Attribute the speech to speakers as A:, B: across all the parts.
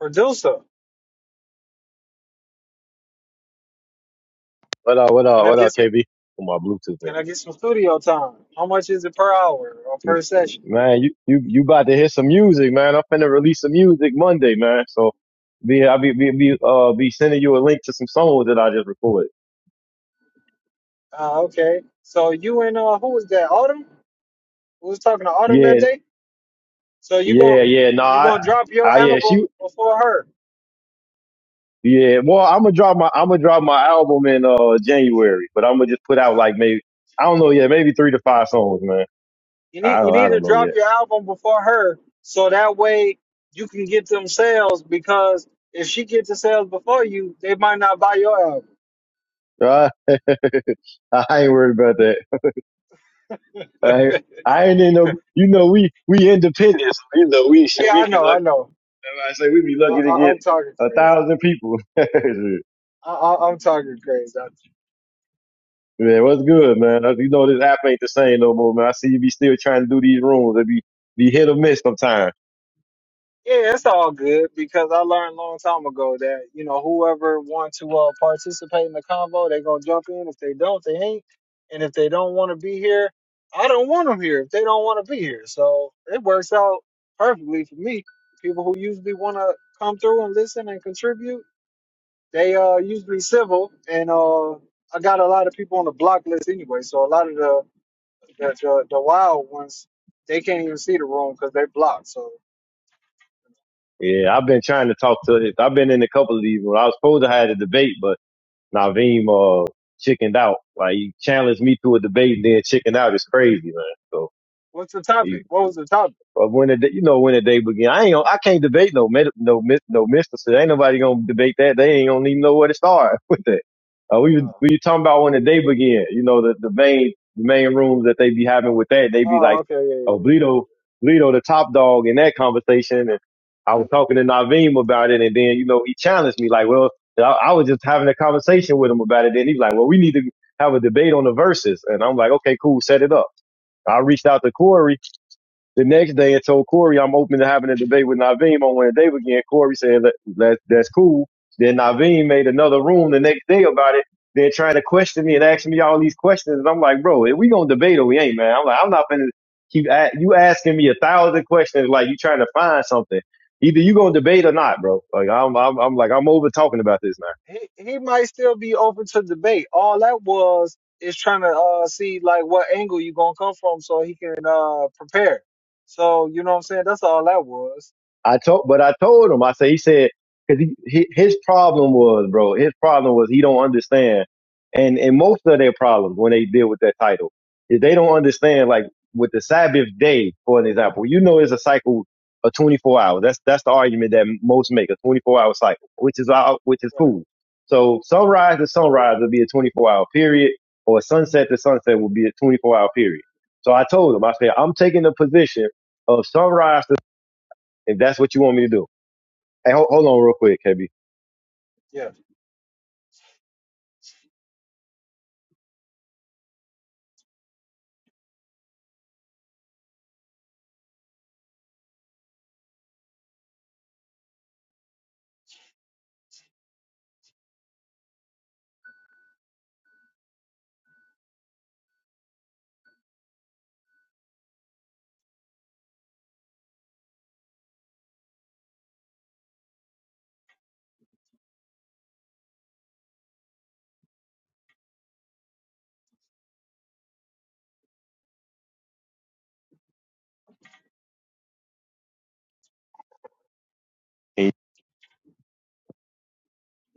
A: Producer,
B: What up, what
A: can
B: up,
A: I
B: what up,
A: get some?
B: KB? Come on, Bluetooth man.
A: Can I get some studio time? How much is it per hour or per session?
B: Man, you, you, you about to hear some music, man. I'm finna release some music Monday, man. So be, I'll be, be, be, uh, be sending you a link to some songs that I just recorded.
A: Uh, okay. So you and uh, who was that? Autumn. Who was talking to Autumn that
B: Yeah,
A: day? So you gon'
B: yeah, yeah. No,
A: you
B: I,
A: gonna drop your
B: I, yeah,
A: album
B: she,
A: before her.
B: yeah. Well, I'm gonna drop my, I'm gonna drop my album in, uh, January, but I'm gonna just put out like maybe, I don't know yet, maybe three to five songs, man.
A: You
B: I
A: need you
B: don't, I
A: need to
B: don't know
A: drop
B: yet.
A: your album before her, so that way you can get them sales. Because if she gets the sales before you, they might not buy your album.
B: I ain't worried about that. I I ain't in no, you know, we we independent. So, you know, we should
A: Yeah,
B: we
A: I
B: be
A: know, I
B: lucky.
A: know.
B: I say we be
A: I,
B: lucky to
A: I,
B: get
A: I'm talking
B: a
A: crazy.
B: thousand people. man,
A: I, I, I'm talking crazy.
B: what's good, man? You know this app ain't the same no more, man. I see you be still trying to do these rooms. It be be hit or miss sometimes.
A: Yeah, it's all good because I learned a long time ago that, you know, whoever want to uh, participate in the convo, they going to jump in. If they don't, they ain't. And if they don't want to be here, I don't want them here if they don't want to be here. So it works out perfectly for me. People who usually want to come through and listen and contribute, they uh usually civil. And uh I got a lot of people on the block list anyway. So a lot of the, the, the, the wild ones, they can't even see the room because they blocked. So
B: Yeah, I've been trying to talk to it. I've been in a couple of these. When I was supposed to have a debate, but Naveem uh chickened out. Like he challenged me to a debate, and then chickened out. It's crazy, man. So.
A: what's the topic? What was the topic?
B: But when the day- you know when the day begin, I ain't gonna, I can't debate no med- no mis- no mysticism. Ain't nobody gonna debate that. They ain't gonna even know where to start with that. Uh, we was-
A: Oh,
B: we were talking about when the day begin. You know the the main the main rooms that they be having with that. They be like,
A: Oh, okay, yeah, yeah.
B: oh Bleedo Bleedo the top dog in that conversation. And I was talking to Naveem about it, and then you know he challenged me like, well I, I was just having a conversation with him about it. Then he's like, well we need to have a debate on the verses, and I'm like, okay cool, set it up. I reached out to Corey the next day, I told Corey I'm open to having a debate with Naveem on Wednesday again. Corey said that, that that's cool. Then Naveem made another room the next day about it. They're trying to question me and asking me all these questions, and I'm like, bro, if we gonna debate or we ain't, man. I'm like, I'm not gonna keep a- you asking me a thousand questions like you trying to find something. Either you gonna debate or not, bro. Like I'm, I'm, I'm like I'm over talking about this now.
A: yeah. He he might still be open to debate. All that was is trying to uh see like what angle you gonna come from so he can uh prepare. So you know what I'm saying? That's all that was.
B: I told, but I told him. I said, he said, because he, his problem was, bro, his problem was he don't understand, and and most of their problems when they deal with that title is they don't understand. Like with the Sabbath day, for an example, you know, it's a cycle of 24 hours. That's that's the argument that most make a 24 hour cycle, which is out, which is
A: Right.
B: cool. So sunrise to sunrise will be a 24 hour period, or sunset to sunset will be a 24 hour period. So I told him, I said, I'm taking the position. Of sunrise if that's what you want me to do. Hey, hold, hold on real quick, KB.
A: Yeah.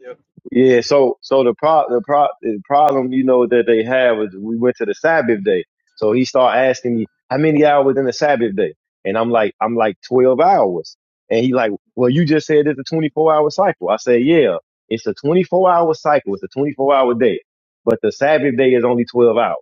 A: Yep.
B: Yeah, so so the pro the pro the problem you know that they have is we went to the Sabbath day. So he started asking me how many hours in the Sabbath day, and I'm like I'm like twelve hours, and he like well you just said it's a twenty four hour cycle. I said yeah, it's a twenty four hour cycle. It's a twenty four hour day, but the Sabbath day is only twelve hours.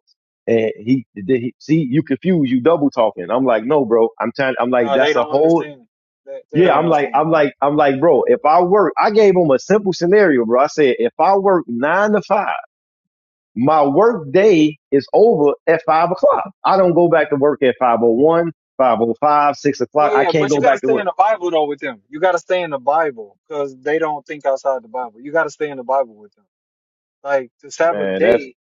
B: And he, he see you confused, you double talking. I'm like no bro, I'm trying. I'm like
A: No, they
B: that's a
A: don't
B: whole
A: understand. They they
B: Yeah,
A: don't
B: I'm like,
A: understand.
B: I'm like, I'm like,
A: Yeah.
B: bro,
A: They don't.
B: if I work, I gave him a simple scenario, bro. I said, if I work nine to five, my work day is over at five o'clock. I don't go back to work at five o one, five o five, six
A: Yeah,
B: o'clock. I
A: yeah,
B: can't
A: but
B: go
A: you gotta
B: back to
A: stay in
B: work.
A: the Bible though with them. You gotta stay in the Bible because they don't think outside the Bible. You gotta stay in the Bible with them. Like the Sabbath
B: Man, that's,
A: day,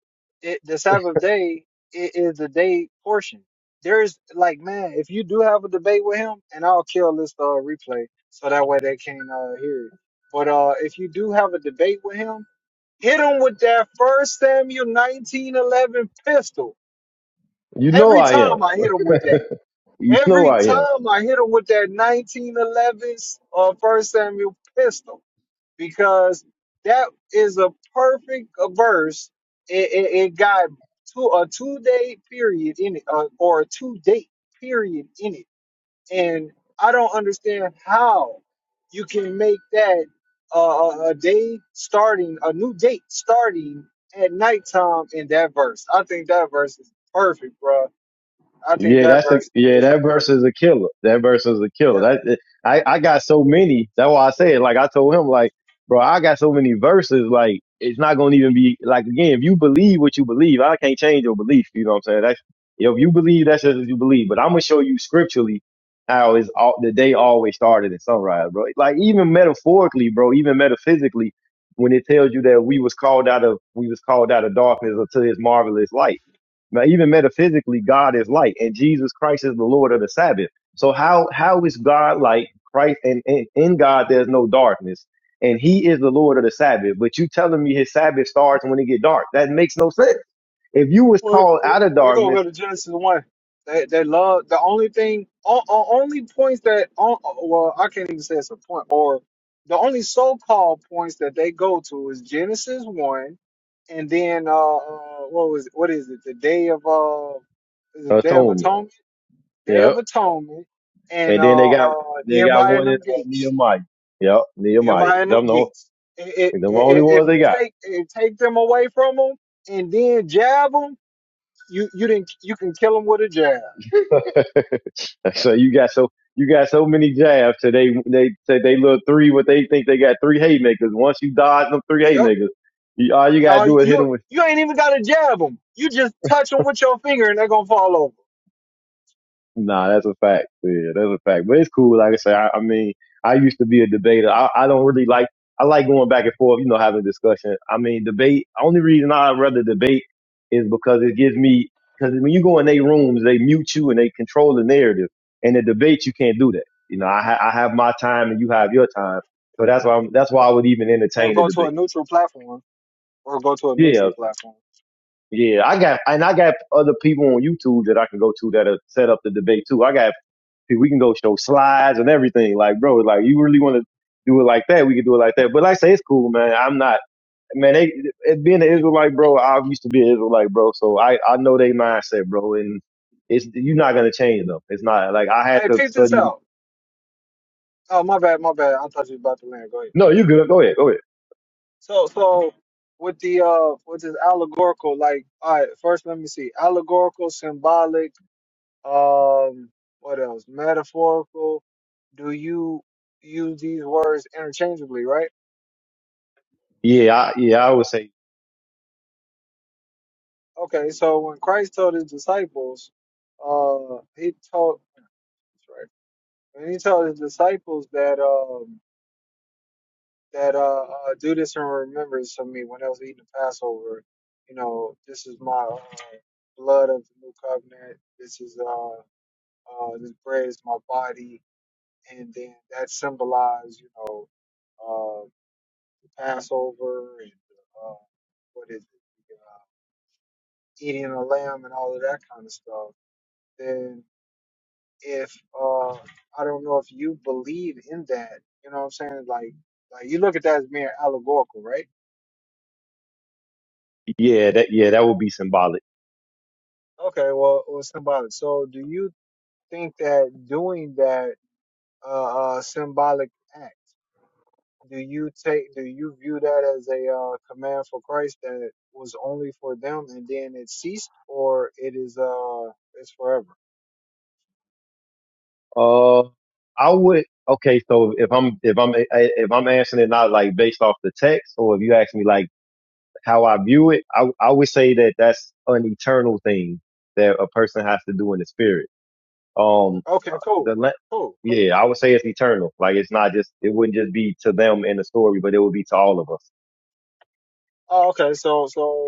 A: it, the Sabbath day i- is the day portion. There's like, man, if you do have a debate with him, and I'll kill this uh, replay so that way they can't uh, hear it. But uh, if you do have a debate with him, hit him with that First Samuel 1911 pistol.
B: you know,
A: Every
B: I am.
A: time I hit him with that,
B: You know,
A: every
B: I am.
A: time I hit him with that 1911 uh, First Samuel pistol because that is a perfect uh, verse. It, it, it got two a two day period in it, uh, or a two date period in it, and I don't understand how you can make that uh, a a day starting a new date starting at nighttime in that verse. I think that verse is perfect, bro. I think
B: Yeah,
A: that
B: that's a
A: verse
B: yeah.
A: is
B: That verse
A: perfect.
B: is a killer. That verse is a killer.
A: Yeah.
B: That I I got so many. That's why I said like I told him like, bro, I got so many verses. Like it's not gonna even be like again. If you believe what you believe, I can't change your belief. You know what I'm saying? That's if you believe, that's just what you believe. But I'm gonna show you scripturally how is all the day always started at sunrise, bro. Like even metaphorically, bro. Even metaphysically, when it tells you that we was called out of we was called out of darkness into His marvelous light now, even metaphysically, God is light, and Jesus Christ is the Lord of the Sabbath. So how how is God like Christ? And, and in God, there's no darkness, and He is the Lord of the Sabbath. But you telling me His Sabbath starts when it get dark? That makes no sense. If you was
A: Well,
B: called out of
A: they're gonna
B: darkness,
A: go to Genesis one. They they love the only thing, o- o- only points that, o- well, I can't even say it's a point, or the only so-called points that they go to is Genesis one, and then uh, uh what was what is it? The day of uh, is it day of
B: atonement.
A: atonement, day
B: Yeah.
A: of atonement, and
B: And then they
A: uh,
B: got
A: uh
B: they got
A: Nehemiah and
B: one in
A: them
B: uh,
A: gates,
B: Nehemiah. Yep, Nehemiah.
A: Nehemiah and
B: Them
A: them
B: the,
A: gates. I i
B: them the
A: i
B: only
A: i-
B: ones
A: if you
B: they got.
A: take if you take them away from them and then jab 'em. You you didn't you can kill him with a jab.
B: so you got so you got so many jabs. So they they say they look three. What they think they got three haymakers. Once you dodge them three
A: Yep.
B: haymakers, you, all you gotta
A: Uh,
B: do is hit
A: you
B: them with.
A: you ain't even gotta jab him. You just touch them with your finger and they're gonna fall over
B: Nah, that's a fact. Yeah, that's a fact. But it's cool. Like I said, I, I mean, I used to be a debater. I, I don't really like. I like going back and forth. You know, having discussion. I mean, debate. Only reason I rather debate is because it gives me. Because when you go in their rooms, they mute you and they control the narrative. In the debate, you can't do that. You know, I, ha- I have my time and you have your time. So that's why I'm, that's why I would even
A: or
B: entertain a
A: go to a
B: debate.
A: neutral platform or go to a
B: Yeah,
A: neutral platform.
B: yeah. I got and I got other people on YouTube that I can go to that are set up the debate too. I got we can go show slides and everything. Like, bro, like you really want to do it like that? We can do it like that. But like I say, it's cool, man. I'm not, man. They it, being an Israelite, bro. I used to be an Israelite, bro. So I I know they mindset, bro. And it's you're not gonna change them. It's not like I had
A: Hey,
B: to
A: peep this
B: study.
A: out. Oh my bad, my bad. I thought you was about to land. Go ahead.
B: No, you good. Go ahead. Go ahead.
A: So so with the uh with this allegorical like all right first let me see allegorical symbolic um what else metaphorical do you use these words interchangeably right
B: Yeah, I, yeah. I would say
A: Okay, so when Christ told his disciples, uh, he told that's right. When he told his disciples that um that uh, uh do this in remembrance of me when I was eating the Passover, you know, this is my uh, blood of the new covenant. This is uh uh this bread is my body, and then that symbolized you know uh the Passover and uh, what is it uh, eating a lamb and all of that kind of stuff. Then if uh I don't know if you believe in that. You know what I'm saying? Like like you look at that as mere allegorical, right?
B: yeah. That yeah. That would be symbolic.
A: Okay, well well symbolic. So do you think that doing that uh, uh symbolic act, do you take do you view that as a uh, command for Christ that was only for them and then it ceased or it is uh it's forever?
B: Uh, I would. Okay, so if I'm if I'm if I'm answering it not like based off the text, or if you ask me like how I view it, I, I would say that that's an eternal thing that a person has to do in the spirit. Um,
A: Okay, cool.
B: the le-
A: Cool, cool,
B: yeah, I would
A: cool.
B: say it's eternal. Like it's not just it wouldn't just be to them in the story, but it would be to all of us.
A: Oh, okay, so so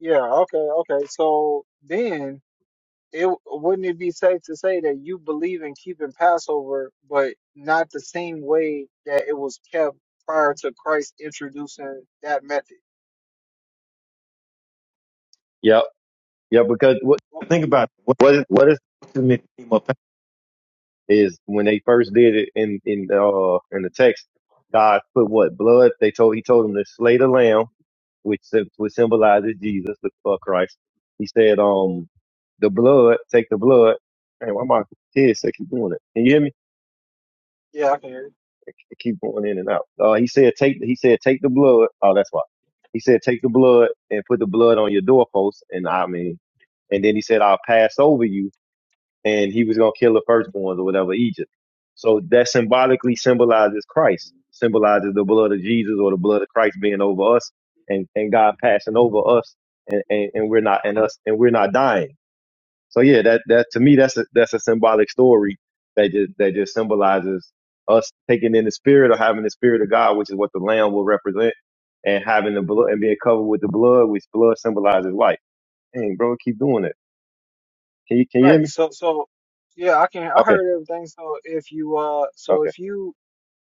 A: yeah, okay, okay. So then it wouldn't it be safe to say that you believe in keeping Passover, but not the same way that it was kept prior to Christ introducing that method?
B: Yep, yeah, because what
A: Oh,
B: what is what is is when they first did it in in uh in the text, God put what blood? They told he told them to slay the lamb which sym- which symbolizes Jesus, the uh, Christ. He said, "Um, the blood, take the blood." Hey, why my kids say keep doing it? Can you hear me?
A: Yeah, I can hear you.
B: They keep going in and out. Uh, he said, "Take," he said, "Take the blood." Oh, that's why. He said, "Take the blood and put the blood on your doorpost." And I mean, and then he said, "I'll pass over you." and he was going to kill the firstborns or whatever Egypt. So that symbolically symbolizes Christ, symbolizes the blood of Jesus or the blood of Christ being over us and, and God passing over us and, and, and we're not and us and we're not dying. So yeah, that that to me that's a that's a symbolic story that just that just symbolizes us taking in the spirit or having the spirit of God, which is what the Lamb will represent, and having the blood and being covered with the blood, which blood symbolizes life. Dang, bro, keep doing it. Can you can you hear
A: Right.
B: me?
A: So, so yeah, I can. I
B: Okay,
A: heard everything. So if you uh,
B: okay.
A: so if you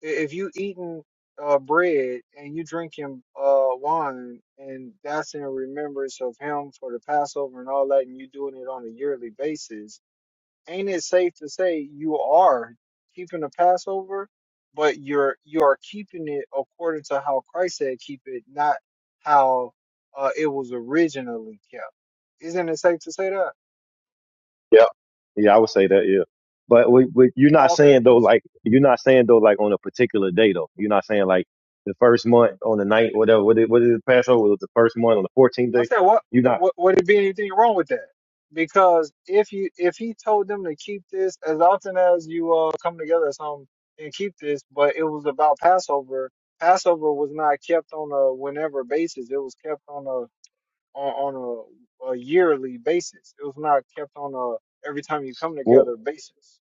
A: if you eating uh bread and you drinking uh wine and that's in remembrance of him for the Passover and all that, and you doing it on a yearly basis ain't it safe to say you are keeping the Passover, but you're you are keeping it according to how Christ said keep it, not how uh, it was originally kept. Isn't it safe to say that?
B: Yeah, yeah, I would say that. Yeah, but we, we, you're not
A: Oh, okay.
B: saying though,
A: So
B: like you're not saying though, like on a particular day though. You're not saying like the first month on the night, whatever. What is, what is it? Passover was the first month on the 14th
A: I'm
B: day.
A: saying what,
B: You're not.
A: what would it be anything wrong with that? Because if you if he told them to keep this as often as you uh, come together or something and keep this, but it was about Passover. Passover was not kept on a whenever basis. It was kept on a on, on a, a yearly basis. It was not kept on a every time you come
B: Well,
A: together basis.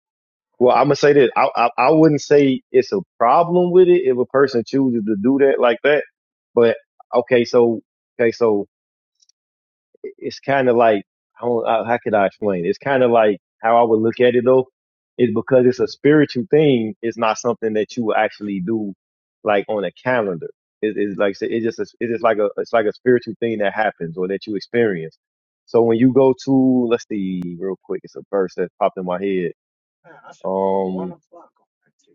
B: well, I'm gonna say this. I, I, I wouldn't say it's a problem with it if a person chooses to do that like that. But okay, so okay, so it's kind of like I don't, uh, how could I explain? It's kind of like how I would look at it though, is because it's a spiritual thing. It's not something that you will actually do like on a calendar. It, it's like I said, it's just a, it's just like a it's like a spiritual thing that happens or that you experience. So when you go to let's see real quick, it's a verse that popped in my head.
A: Man, I should have put one
B: Um,
A: o'clock on that too.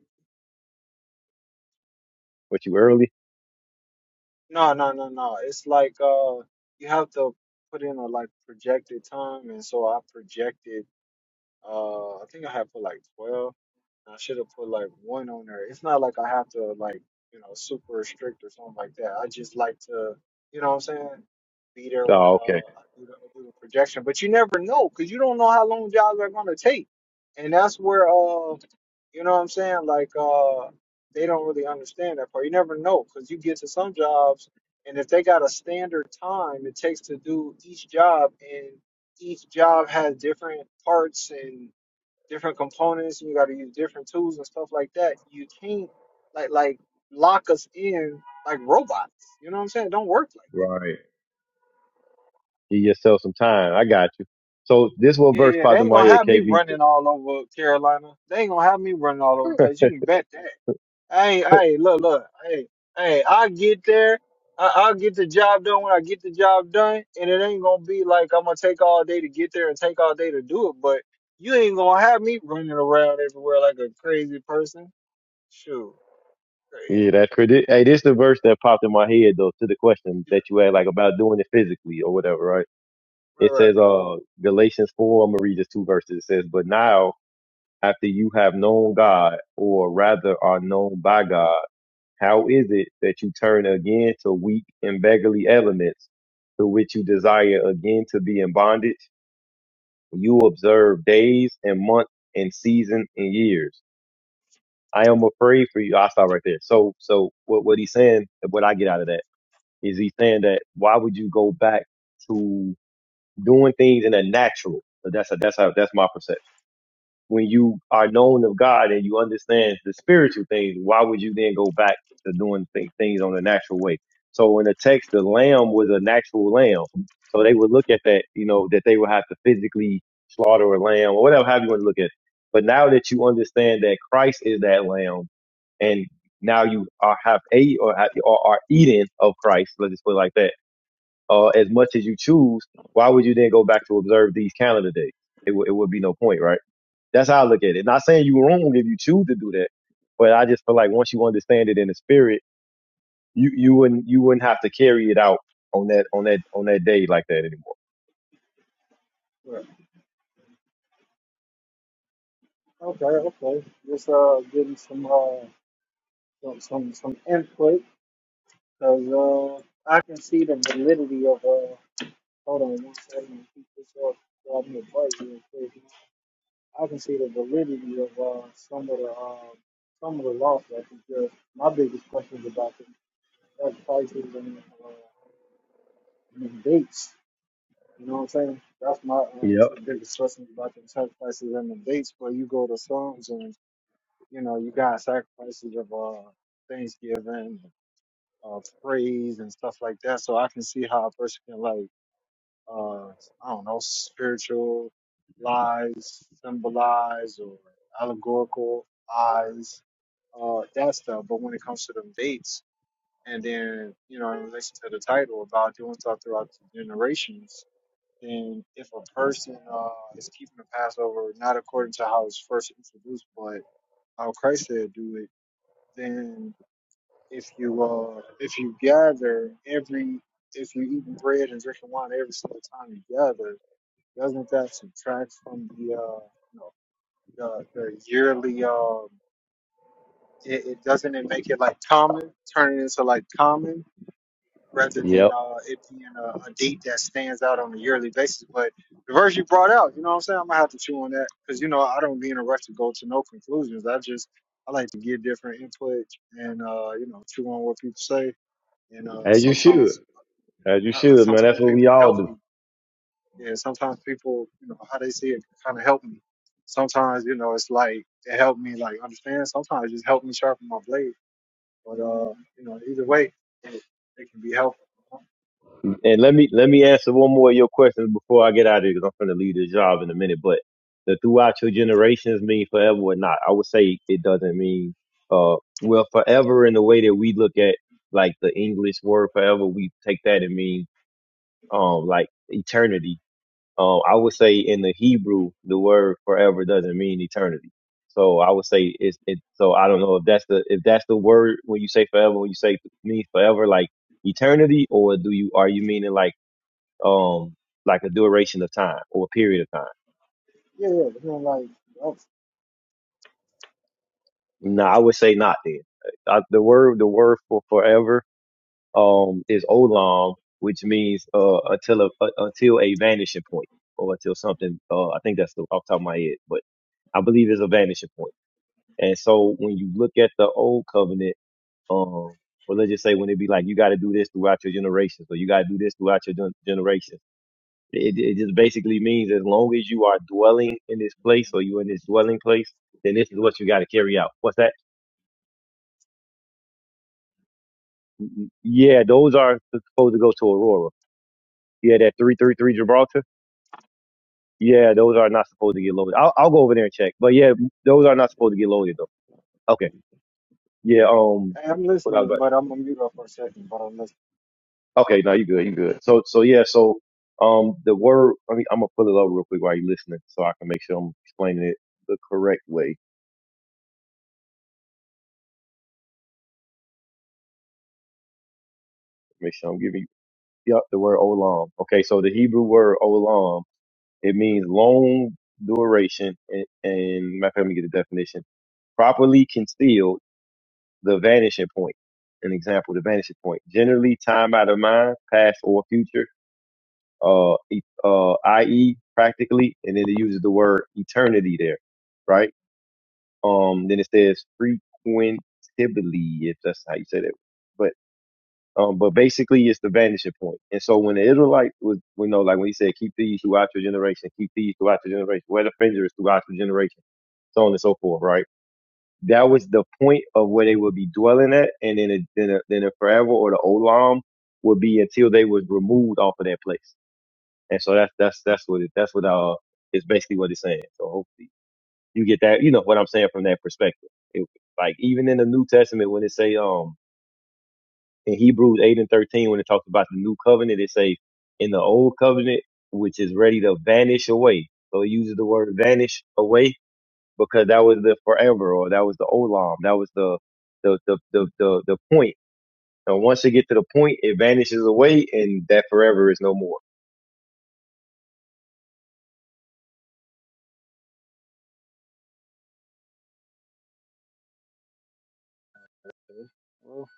B: what you early?
A: No, no, no, no. It's like uh, you have to put in a like projected time, and so I projected. Uh, I think I had put like 12. I should have put like one on there. It's not like I have to like, you know, super strict or something like that. I just like to, you know what I'm saying, be there when
B: Oh, okay,
A: uh I do the, I do the projection. But you never know because you don't know how long jobs are going to take. And that's where, uh, you know what I'm saying, like uh they don't really understand that part. You never know because you get to some jobs and if they got a standard time it takes to do each job and each job has different parts and different components, and you got to use different tools and stuff like that. You can't like like lock us in like robots. You know what I'm saying? It Don't work like
B: right. Give yourself some time. I got you. So this one
A: that.
B: verse
A: yeah, yeah. They
B: popped in
A: ain't
B: my
A: gonna
B: head,
A: have me
B: KB.
A: running all over Carolina. They ain't gonna have me running all over the place. You can bet that. Hey, hey, look, look, hey, hey, I get there. I, I'll get the job done when I get the job done, and it ain't gonna be like I'm gonna take all day to get there and take all day to do it. But you ain't gonna have me running around everywhere like a crazy person. Shoot, crazy.
B: Yeah, that's crazy. Hey, this is the verse that popped in my head though to the question
A: Yeah,
B: that you had, like about doing it physically or whatever, right? It
A: right,
B: says, uh, Galatians four. I'm gonna read just two verses. It says, "But now, after you have known God, or rather are known by God, how is it that you turn again to weak and beggarly elements, to which you desire again to be in bondage? You observe days and months and season and years. I am afraid for you. I stop right there. So, so what what he's saying, what I get out of that Is he saying that why would you go back to doing things in a natural? So that's a, that's how that's my perception. When you are known of God and you understand the spiritual things, why would you then go back to doing th- things on a natural way? So in the text, the lamb was a natural lamb. So they would look at that, you know, that they would have to physically slaughter a lamb or whatever have you want to look at. But now that you understand that Christ is that lamb, and now you are have a or, ha- or are eating of Christ. Let's just put it like that uh, as much as you choose, why would you then go back to observe these calendar days? It, w- it would be no point, right? That's how I look at it. Not saying you were wrong if you choose to do that, but I just feel like once you understand it in the spirit, you, you wouldn't you wouldn't have to carry it out on that on that on that day like that anymore.
A: right, right. Okay, okay. Just uh, getting some uh, some some, some input because uh, I can see the validity of uh. Hold on one second. Keep this up. Grab me a bite real quick. I can see the validity of uh, some of the um, some of the laws that we just. My biggest question is about the drug prices and, uh, and the dates. You know what I'm saying? That's my uh,
B: Yep,
A: two biggest questions about the drug prices and the dates. Where you go to songs and you know you got sacrifices of uh, Thanksgiving, uh, praise and stuff like that. So I can see how a person can like uh, I don't know, spiritual lies, symbolized or allegorical eyes, uh, that stuff. But when it comes to them dates, and then you know, in relation to the title about doing stuff throughout the generations, then if a person uh, is keeping the Passover not according to how it's first introduced, but how Christ said do it, then if you uh, if you gather every if you eat bread and drinking wine every single time you gather, doesn't that subtract from the uh you know the, the yearly um it, it doesn't it make it like common turn it into like common rather
B: yep.
A: than uh it being a, a date that stands out on a yearly basis but the verse you brought out you know what i'm saying i'm gonna have to chew on that because you know i don't be in a rush to go to no conclusions i just i like to get different input and uh you know chew on what people say and uh
B: As you should.
A: sometimes
B: As you
A: uh,
B: should, man. That's
A: sometimes
B: what we
A: people
B: all
A: help
B: do.
A: me And sometimes people, you know, how they see it kind of help me. Sometimes, you know, it's like it helped me like understand. Sometimes it just helped me sharpen my blade. But uh, you know, either way, it, it can be helpful.
B: And let me let me answer one more of your questions before I get out of here because I'm finna leave this job in a minute. But the throughout your generations mean forever or not? I would say it doesn't mean uh well forever in the way that we look at like the English word forever. We take that and mean um like eternity. Um, I would say in the Hebrew the word forever doesn't mean eternity. So I would say it's it. So I don't know if that's the if that's the word when you say forever when you say means forever like eternity or do you are you meaning like um, like a duration of time or a period of time.
A: Yeah, yeah. You know, like that's,
B: No, I would say not then. I, the word, the word for forever, um, is olam, which means, uh, until a, uh, until a vanishing point or until something, uh, I think that's the, off the top of my head, but I believe it's a vanishing point. And so when you look at the old covenant, um, or let's just say when it be like, you got to do this throughout your generations or you got to do this throughout your gen- generations It, it just basically means as long as you are dwelling in this place or you in this dwelling place, then this is what you got to carry out. What's that? Mm, mm, Yeah, those are supposed to go to Aurora. Yeah, that 333 Gibraltar. Yeah, those are not supposed to get loaded. I'll, I'll go over there and check. But yeah, those are not supposed to get loaded though. Okay. Yeah. Um.
A: I'm
B: What I was
A: listening,
B: about.
A: but I'm gonna mute up for a second. But I'm listening.
B: Okay. No, you good. You good. So so yeah. So um, the word. I mean, I'm gonna pull it up real quick while you're listening, so I can make sure I'm explaining it the correct way. Make sure I'm giving Yep, the word olam. Okay, so the Hebrew word olam, it means long duration, and, and matter of fact, let me get the definition. Properly concealed, the vanishing point. An example, the vanishing point. Generally, time out of mind, past or future, uh, e- uh, i.e., practically, and then it uses the word eternity there, right? Um, then it says frequentably, if that's how you say that. Um, but basically, it's the vanishing point. And so when the Israelite was, you know, like when he said, keep these throughout your generation, keep these throughout your generation, where the finger is throughout your generation, so on and so forth, right? That was the point of where they would be dwelling at. And then, a, then, a, then a forever or the Olam would be until they was removed off of that place. And so that's, that's, that's what it, that's what, uh, it's basically what it's saying. So hopefully you get that, you know, what I'm saying from that perspective. It, like even in the New Testament, when it say, um, in Hebrews 8 and 13, when it talks about the new covenant, it says, in the old covenant, which is ready to vanish away. So it uses the word vanish away because that was the forever or that was the olam. That was the, the, the, the, the, the point. And once it get to the point, it vanishes away and that forever is no more.
A: Okay. Well,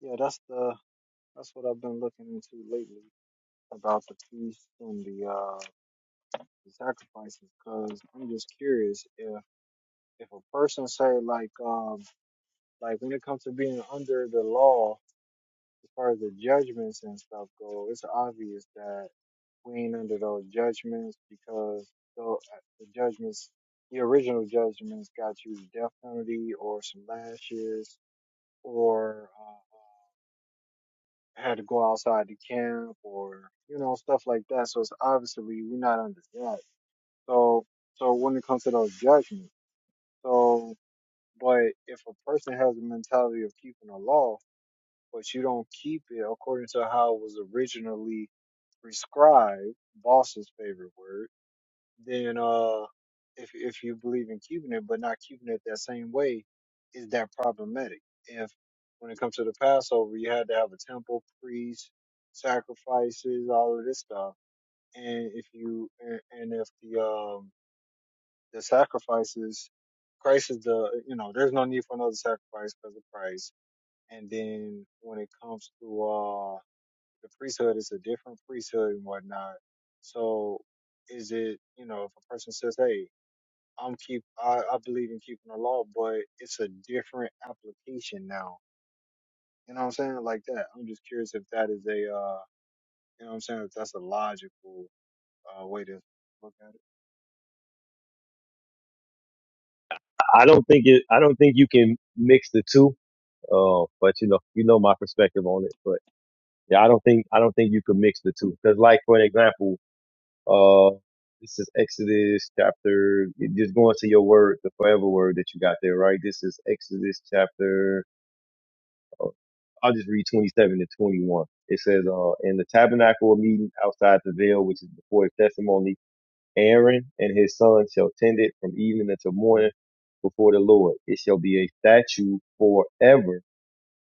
A: yeah, that's the that's what I've been looking into lately about the feast and the uh the sacrifices. Cause I'm just curious if if a person say like um Like when it comes to being under the law, as far as the judgments and stuff go, it's obvious that we ain't under those judgments because the, the judgments, the original judgments, got you death penalty or some lashes or uh, had to go outside the camp or you know stuff like that. So it's obviously we're not under that. So so when it comes to those judgments, so but if a person has the mentality of keeping the law, but you don't keep it according to how it was originally prescribed, boss's favorite word, then uh if if you believe in keeping it but not keeping it that same way, is that problematic? If when it comes to the Passover you had to have a temple, priest, sacrifices, all of this stuff. And if you and and if the um the sacrifices Christ is the you know, there's no need for another sacrifice because of Christ. And then when it comes to uh, the priesthood is a different priesthood and whatnot. So is it, you know, if a person says, Hey, I'm keep I, I believe in keeping the law, but it's a different application now. You know what I'm saying? Like that. I'm just curious if that is a uh you know what I'm saying, if that's a logical uh way to look
B: I don't think it, I don't think you can mix the two. Uh, but you know, you know my perspective on it, but yeah, I don't think, I don't think you can mix the two. Cause like, for an example, Uh, this is Exodus chapter, just going to your word, the forever word that you got there, right? This is Exodus chapter, uh, I'll just read 27 to 21. It says, uh, in the tabernacle of meeting outside the veil, which is before his testimony, Aaron and his son shall tend it from evening until morning before the Lord. It shall be a statute forever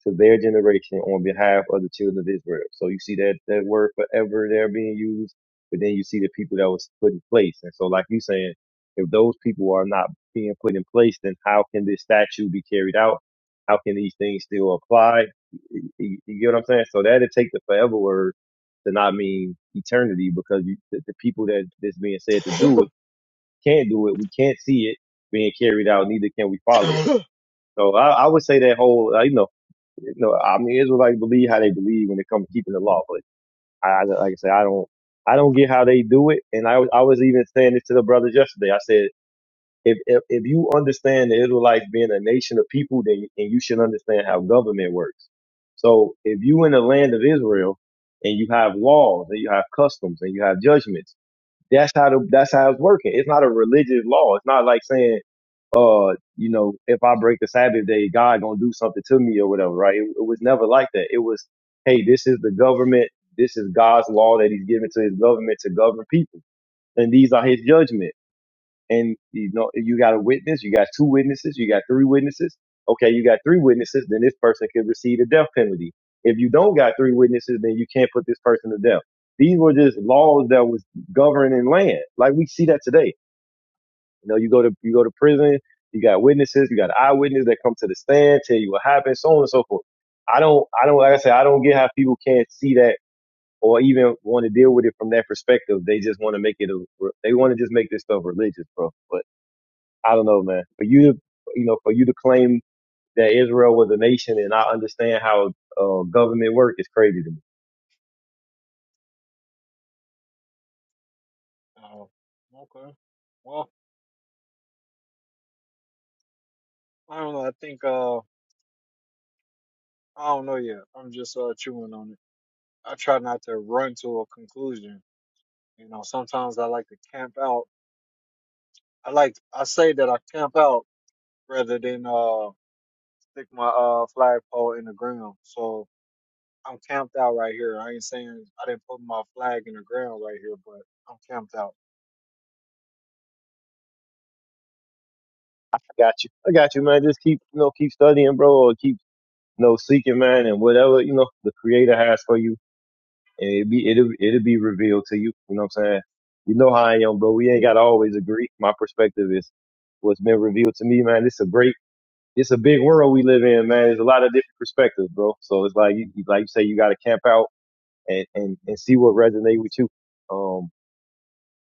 B: to their generation on behalf of the children of Israel. So you see that, that word forever there being used, but then you see the people that was put in place. And so like you saying, if those people are not being put in place, then how can this statute be carried out? How can these things still apply? You, you- you get what I'm saying? So that'd take the forever word to not mean eternity because you, the, the people that that's being said to
A: at
B: do it
A: it.
B: can't do it. We can't see it being carried out. Neither can we follow it. So I, I would say that whole, uh, you know, you know, I mean, Israelites like, believe how they believe when it comes to keeping the law, but I, I- like I said, I don't, I don't get how they do it. And I, was- I was even saying this to the brothers yesterday. I said, if, if, if you understand the Israelites being a nation of people, then and you should understand how government works. So if you in the land of Israel and you have laws and you have customs and you have judgments, that's how the, that's how it's working. It's not a religious law. It's not like saying uh, you know, if I break the Sabbath day, God gonna do something to me or whatever, right? It, it was never like that. It was, hey, this is the government. This is God's law that he's given to his government to govern people. And these are his judgment. And you know, you got a witness, you got two witnesses, you got three witnesses. Okay, you got three witnesses, then this person could receive the death penalty. If you don't got three witnesses, then you can't put this person to death. These were just laws that was governing land. Like we see that today you know, you go to you go to prison, you got witnesses, you got eyewitnesses that come to the stand, tell you what happened, so on and so forth. I don't I don't like I said, I don't get how people can't see that or even want to deal with it from that perspective. They just want to make it a they want to just make this stuff religious, bro. But I don't know, man. For you to you know, for you to claim that Israel was a nation and I understand how uh, government work is crazy to me.
A: oh, okay. Well, I don't know. I think uh I don't know yet. I'm just uh chewing on it. I try not to run to a conclusion. You know, sometimes I like to camp out I like I say that I camp out rather than uh stick my uh flagpole in the ground. So I'm camped out right here. I ain't saying I didn't put my flag in the ground right here, but I'm camped out.
B: I got you. I got you, man. Just keep, you know, keep studying, bro, or keep, you know, seeking, man, and whatever, you know, the creator has for you and it be it'll it'll be revealed to you. You know what I'm saying? You know how I am, but we ain't gotta always agree. My perspective is what's been revealed to me, man. It's a great, it's a big world we live in, man. There's a lot of different perspectives, bro. So it's like you like you say, you gotta camp out and and and see what resonate with you. Um,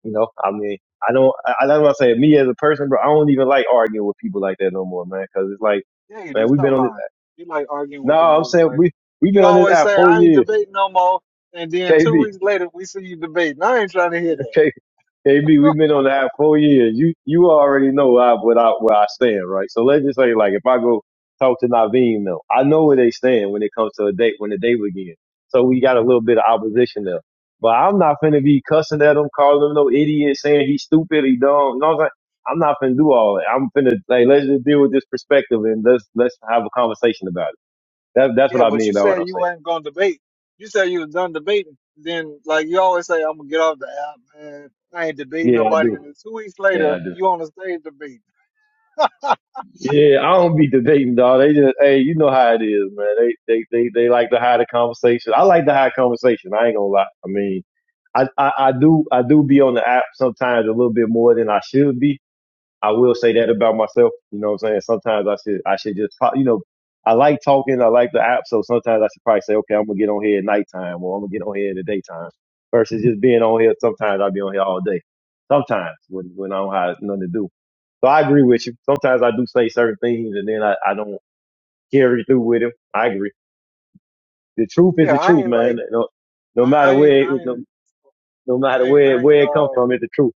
B: you know, I mean, I don't, I, I don't want to say me as a person, bro. I don't even like arguing with people like that no more, man. Cause it's like,
A: Yeah, you
B: man,
A: do.
B: we've been
A: Stop
B: on this.
A: lying. You like arguing
B: No,
A: with the
B: I'm saying
A: Israelites.
B: we we've
A: You
B: been on this
A: always
B: app
A: say
B: four
A: I ain't
B: years,
A: debating no more, and then
B: KB.
A: two weeks later we see you debating. I ain't trying to hear that.
B: K- KB, we've been on the app four years. You you already know I, what I where I stand, right? So let's just say, like, if I go talk to Naveem, though, I know where they stand when it comes to a date when the date begins. So we got a little bit of opposition there, but I'm not finna be cussing at him, calling him no idiot, saying he's stupid, he dumb. You know what I'm saying? I'm not finna do all that. I'm finna like let's just deal with this perspective and let's let's have a conversation about it. That, that's what
A: Yeah,
B: I
A: but
B: mean
A: you
B: by what
A: said
B: I'm
A: you
B: saying.
A: weren't going to debate. You said you was done debating. Then, like you always say, I'm gonna get off the app, man. I ain't debating
B: Yeah, I
A: nobody. And
B: do.
A: then two weeks
B: Yeah,
A: later,
B: I do.
A: you on the stage debating.
B: Yeah, I don't be debating, dog. They just, hey, you know how it is, man. They, they, they, they like to hide the conversation. I like to hide conversation. I ain't gonna lie. I mean, I, I, I do, I do be on the app sometimes a little bit more than I should be. I will say that about myself. You know what I'm saying? Sometimes I should I should just pro- you know I like talking. I like the app, so sometimes I should probably say, okay, I'm gonna get on here at nighttime, or I'm gonna get on here in the daytime, versus just being on here. Sometimes I'll be on here all day. Sometimes when when I don't have nothing to do. So I agree with you. Sometimes I do say certain things, and then I, I don't carry through with them. I agree. The truth is
A: Yeah,
B: the
A: I
B: truth,
A: ain't
B: man.
A: like,
B: No, no
A: I,
B: matter
A: I ain't,
B: where it,
A: I
B: no,
A: ain't,
B: no matter
A: I ain't,
B: where
A: I ain't,
B: where it comes
A: uh,
B: from, it's the truth.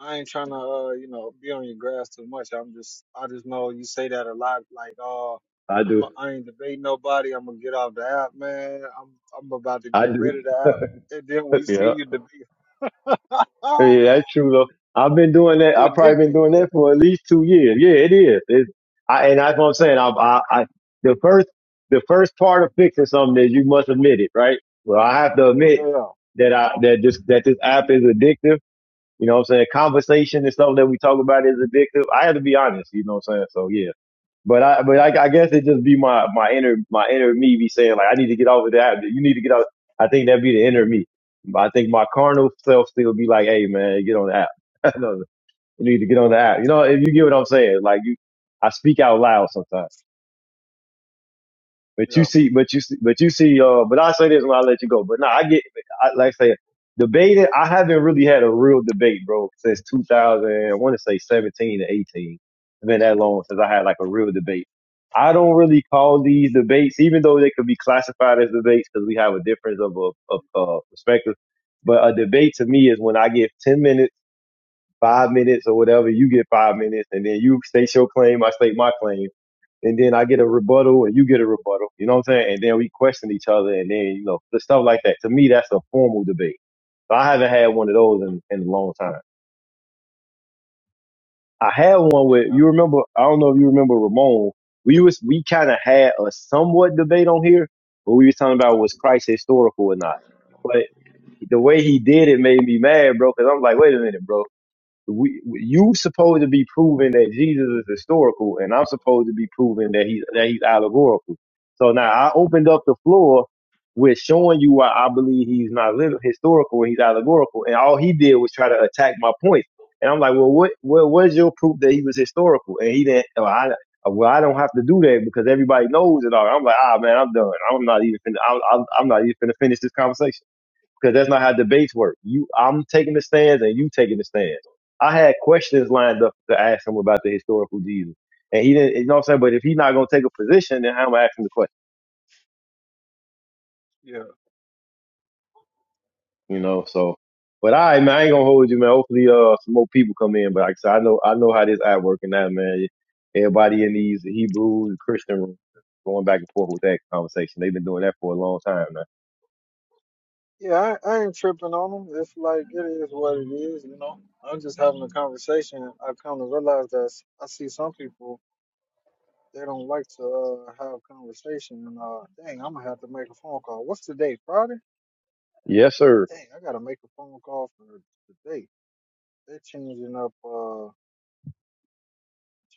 A: I ain't trying to, uh, you know, be on your grass too much. I'm just, I just know you say that a lot. Like, uh,
B: I
A: I'm, a,
B: do.
A: I ain't debating nobody. I'm gonna get off the app, man. I'm, I'm about to
B: I
A: get
B: do.
A: rid of the app. And then we see
B: yeah.
A: you debate. Ah,
B: Yeah, that's true though. I've been doing that.
A: you
B: I've probably been
A: addicted.
B: doing that for at least two years. Yeah, it is. It, I, and that's what I'm saying. I, I, I, the first, the first part of fixing something is you must admit it, right? Well, I have to admit
A: Yeah, yeah,
B: that I, that this, that this app is addictive. You know what I'm saying? Conversation and stuff that we talk about is addictive. I have to be honest. You know what I'm saying? So yeah. But I, but I, I guess it just be my, my inner, my inner me be saying like, I need to get over that. You need to get out. I think that'd be the inner me. But I think my carnal self still be like, Hey man, get on the app. No, you need to get on the app. You know, if you get what I'm saying, like you, I speak out loud sometimes. But you
A: yeah.
B: see, but you see, but you see, uh, but I'll say this when I let you go. But no, I get, I, like I say, debating, I haven't really had a real debate, bro, since 2000, I want to say 17 to 18. It's been that long since I had like a real debate. I don't really call these debates, even though they could be classified as debates because we have a difference of a, of, uh, perspective. But a debate to me is when I give 10 minutes, five minutes or whatever, you get five minutes and then you state your claim, I state my claim and then I get a rebuttal and you get a rebuttal. You know what I'm saying? And then we question each other and then, you know, the stuff like that. To me, that's a formal debate. So I haven't had one of those in, in a long time. I had one with,
A: yeah.
B: you remember, I don't know if you remember Ramon. We was, we kind of had a somewhat debate on here, but we was talking about was Christ historical or not. But the way he did it made me mad, bro, because I'm like, wait a minute, bro we, you supposed to be proving that Jesus is historical, and I'm supposed to be proving that he's that he's allegorical. So now I opened up the floor with showing you why I believe he's not lit- historical and he's allegorical, and all he did was try to attack my point. And I'm like, well, what, what, where's your proof that he was historical? And he didn't. Well, I, well, I don't have to do that because everybody knows it all. I'm like, ah, man, I'm done. I'm not even. Finna, I'm, I'm I'm not even finna finish this conversation because that's not how debates work. You, I'm taking the stands and you taking the stands. I had questions lined up to ask him about the historical Jesus, and he didn't. You know what I'm saying? But if he's not gonna take a position, then how am I asking the question?
A: Yeah.
B: You know, so. But I, man, I ain't gonna hold you, man. Hopefully, uh, some more people come in. But like I said, I know, I know how this at working now, man. Everybody in these Hebrew and Christian rooms going back and forth with that conversation. They've been doing that for a long time now.
A: Yeah, I, I ain't tripping on them. It's like it is what it is, you know. I'm just having a conversation. I come to realize that s- I see some people they don't like to uh, have conversation. And uh, dang, I'm gonna have to make a phone call. What's the date? Friday?
B: Yes, sir,
A: Dang, I gotta make a phone call for today. They're changing up, uh,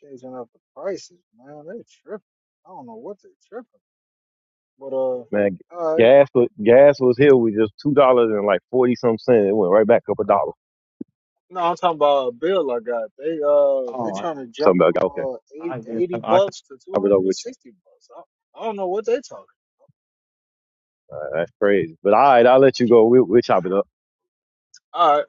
A: changing up the prices, man. They tripping. I don't know what they tripping, but uh, all
B: man.
A: right.
B: Gas was gas was here with just two dollars and like forty some cents. It went right back up a dollar.
A: No, I'm talking about a bill I got. They uh they trying to jump
B: Something about
A: from
B: okay,
A: uh eight- 80 bucks to
B: chop it up with you.
A: 260 bucks. I, I don't know what they talking.
B: Uh, That's crazy. But all right, I'll let you go. We, we'll chop it up.
A: All right,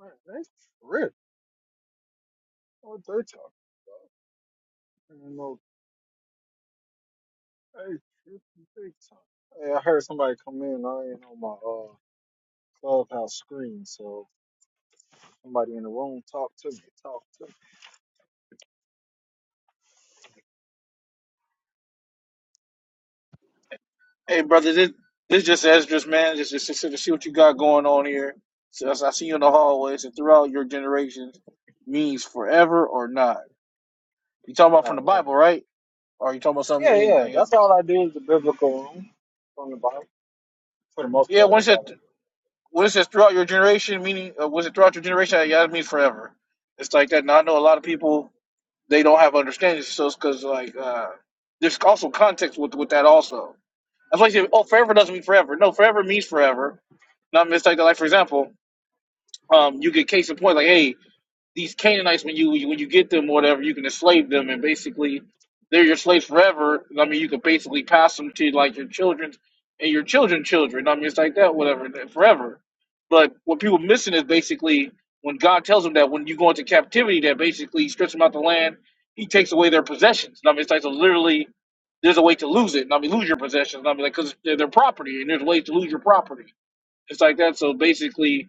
A: man, they rich. What they talking? I don't know. Hey, shit, what they really talking. Hey, I heard somebody come in. I ain't on my uh clubhouse screen, so somebody in the room talk to me. Talk to me.
C: Hey, brother, this this just Esdras, man. Just just just to see what you got going on here. So I see you in the hallways and throughout your generations means forever or not. You talking about from the
A: Right, right.
C: Bible, right? Or you talking about something
A: Yeah, yeah.
C: anything
A: That's
C: else?
A: all I do is the biblical room from the Bible for the most
C: Yeah,
A: part.
C: once
A: That's
C: it
A: all
C: says.
A: I
C: when it says throughout your generation, meaning uh, was it throughout your generation? Yeah, it means forever. It's like that.
A: do.
C: Now I know a lot of people they don't have understanding, so it's because like uh, there's also context with with that also. That's why I say, oh, forever doesn't mean forever. No, forever means forever. Not it's like like for example. um, you could case in point, like, hey, these Canaanites, when you when you get them, whatever, you can enslave them, and basically they're your slaves forever. I mean, you could basically pass them to like your children and your children children. I mean, it's like that, whatever, forever. But what people missing is basically when God tells them that when you go into captivity, that basically he strips them out the land, He takes away their possessions. I mean, it's like so literally. There's a way to lose it. I mean, lose your possessions. I mean, like, because they're their property, and there's a way to lose your property. It's like that. So basically,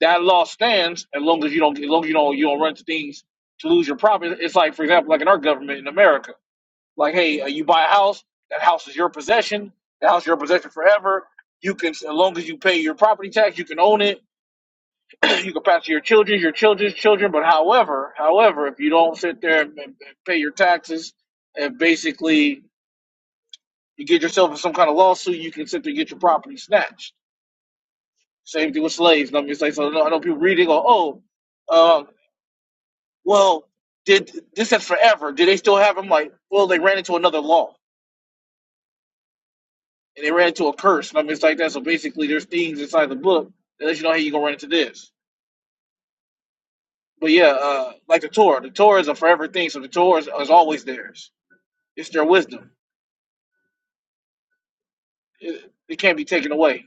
C: that law stands as long as you don't as long as you don't you don't run to things to lose your property. It's like for example, like in our government in America, like hey, uh, you buy a house, that house is your possession. That house is your possession forever. You can as long as you pay your property tax, you can own it. you can pass it to your children, your children's children. But however, however, if you don't sit there and, and pay your taxes, and basically you get yourself in some kind of lawsuit, you can sit there and get your property snatched. Same thing with slaves. And I'm just like, so I know I know people reading, go, oh, uh, well, did this said forever? Do they still have them? Like, well, they ran into another law and they ran into a curse and I mean, it's like that. So basically, there's things inside the book that let you know hey, you gonna run into this. But yeah, uh, like the Torah, the Torah is a forever thing, so the Torah is, is always theirs. It's their wisdom. It, it can't be taken away.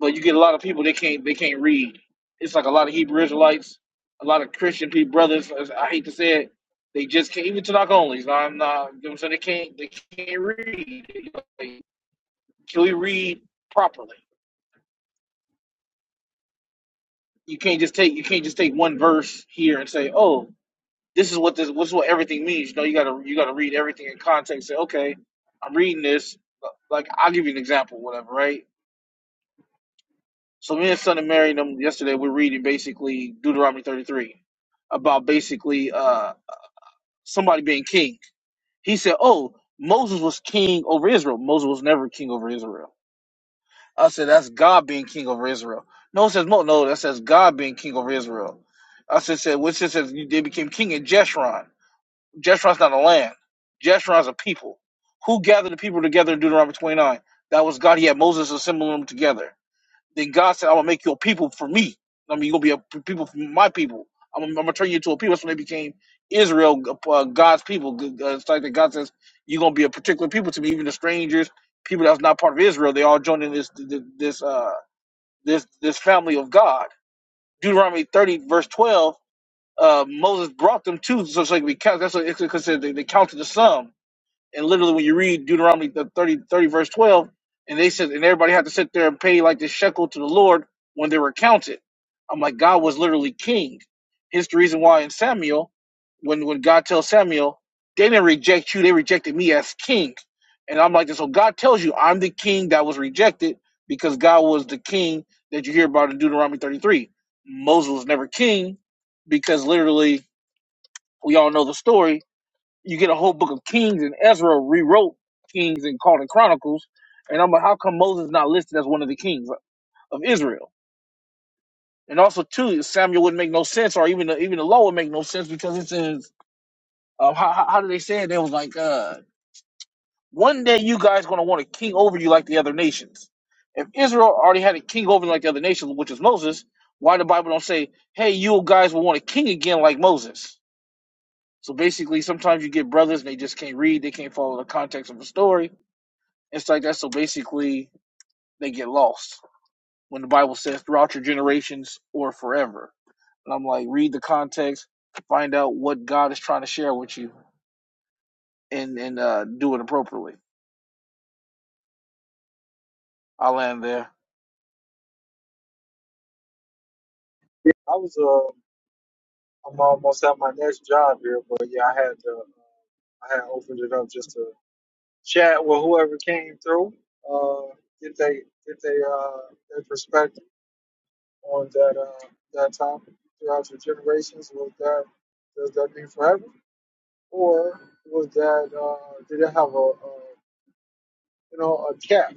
C: But you get a lot of people they can't they can't read. It's like a lot of Hebrew Israelites, a lot of Christian people, brothers. as I hate to say it, they just can't. Even Tanakh onlys. I'm not. You know what I'm saying they can't. They can't read They, like, Can we read properly? You can't just take you can't just take one verse here and say, "Oh, this is what this, this is what everything means." You know, you gotta you gotta read everything in context. Say, "Okay, I'm reading this." Like I'll give you an example, whatever, right? So me and son of Mary and them yesterday we're reading basically Deuteronomy 33 about basically uh somebody being king. He said, "Oh, Moses was king over Israel. Moses was never king over Israel." I said, that's God being king over Israel. No, it says, no, no, that says God being king over Israel. I said, said which it says they became king in Jeshurun. Jeshurun's not a land. Jeshurun's a people. Who gathered the people together in Deuteronomy 29? That was God. He had Moses assembling them together. Then God said, I'm gonna make you a people for me. I mean, you're gonna be a people for my people. I'm, I'm gonna turn you into a people. That's when they became Israel, uh, God's people. uh, It's like that God says, you're gonna be a particular people to me, even the strangers, people that's not part of Israel. They all joined in this this uh, this this family of God. Deuteronomy 30 verse 12. Uh, Moses brought them to so, so they could be counted. That's what it's considered. They, they counted the sum. And literally, when you read Deuteronomy the 30, thirty verse 12, and they said, and everybody had to sit there and pay like this shekel to the Lord when they were counted. I'm like, God was literally king. Hence the reason why in Samuel, when, when God tells Samuel, they didn't reject you, they rejected me as king. And I'm like, so God tells you, I'm the king that was rejected because God was the king that you hear about in Deuteronomy 33. Moses was never king because literally, we all know the story you get a whole book of Kings and Ezra rewrote Kings and called it Chronicles. And I'm like, how come Moses is not listed as one of the kings of Israel? And also, too, Samuel wouldn't make no sense, or even the, even the law would make no sense because it says, uh, how, how how do they say it? They was like, uh, one day you guys gonna want a king over you like the other nations. If Israel already had a king over like the other nations, which is Moses, why the Bible don't say, hey, you guys will want a king again like Moses? So basically, sometimes you get brothers and they just can't read, they can't follow the context of the story It's like that. So basically, they get lost when the Bible says throughout your generations or forever. And I'm like, read the context, find out what God is trying to share with you, and and uh, do it appropriately. I land there.
A: I was uh I'm almost at my next job here, but yeah, I had to, uh, I had opened it up just to chat with whoever came through, uh, get they get they uh their perspective on that uh that topic throughout the generations. Was that does that mean forever, or was that uh did it have a, a you know a cap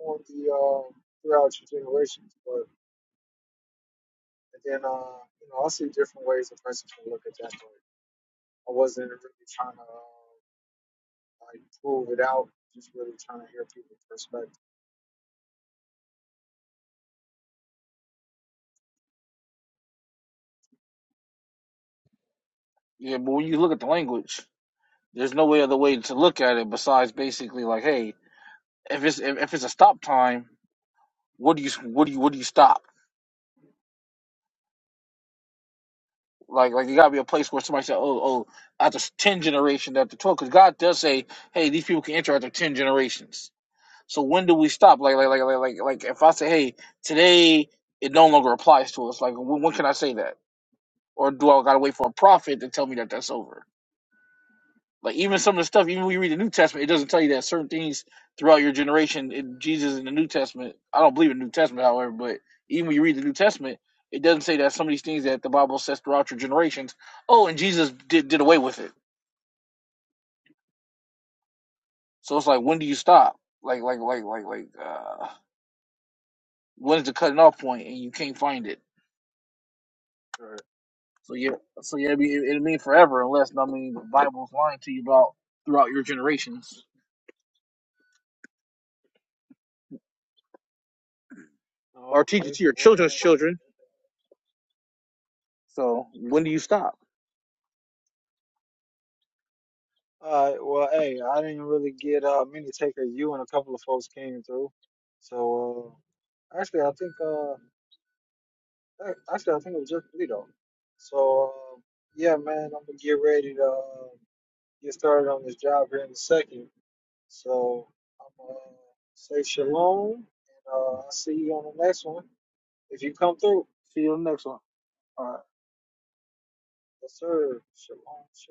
A: on the uh, throughout your generations? But and then uh you know I see different ways a person can look at that. But I wasn't really trying to. uh, I pulled it out, just really trying to hear people's perspective
C: Yeah, but when you look at the language, there's no way other way to look at it besides basically like, hey, if it's if, if it's a stop time, what do you what do you what do you stop? Like like it
A: too.
C: gotta be a place where somebody said, oh oh, after ten generations, after twelve, because God does say, hey, these people can enter after ten generations So when do we stop? Like, like, like, like, like, like if I say, hey, today it no longer applies to us. Like, when, when can I say that? Or do I gotta wait for a prophet to tell me that that's over? Like, even some of the stuff, even when you read the New Testament, it doesn't tell you that certain things throughout your generation. In Jesus in the New Testament, I don't believe in the New Testament, however, but even when you read the New Testament, it doesn't say that some of these things that the Bible says throughout your generations. Oh, and Jesus did did away with it. So it's like, when do you stop? Like, like, like, like, like, uh, when is the cutting off point, and you can't find it?
A: All right.
C: So yeah, so yeah, it'd be- it'll mean forever unless I mean the Bible's lying to you about throughout your generations or
A: Oh,
C: teach it
A: okay.
C: to your
A: Well,
C: children's
A: eh,
C: children. So when do you stop?
A: all right. Well, hey, I didn't really get uh many take of you, and a couple of folks came through. So uh, actually, I think uh ac- actually I think it was just me though. So uh, yeah, man, I'm gonna get ready to uh, get started on this job here in a second. So I'm gonna say shalom, and uh, I'll see you on the next one if you come through.
C: See you on the next one. All right.
A: Yes, sir. Shalom. Shalom.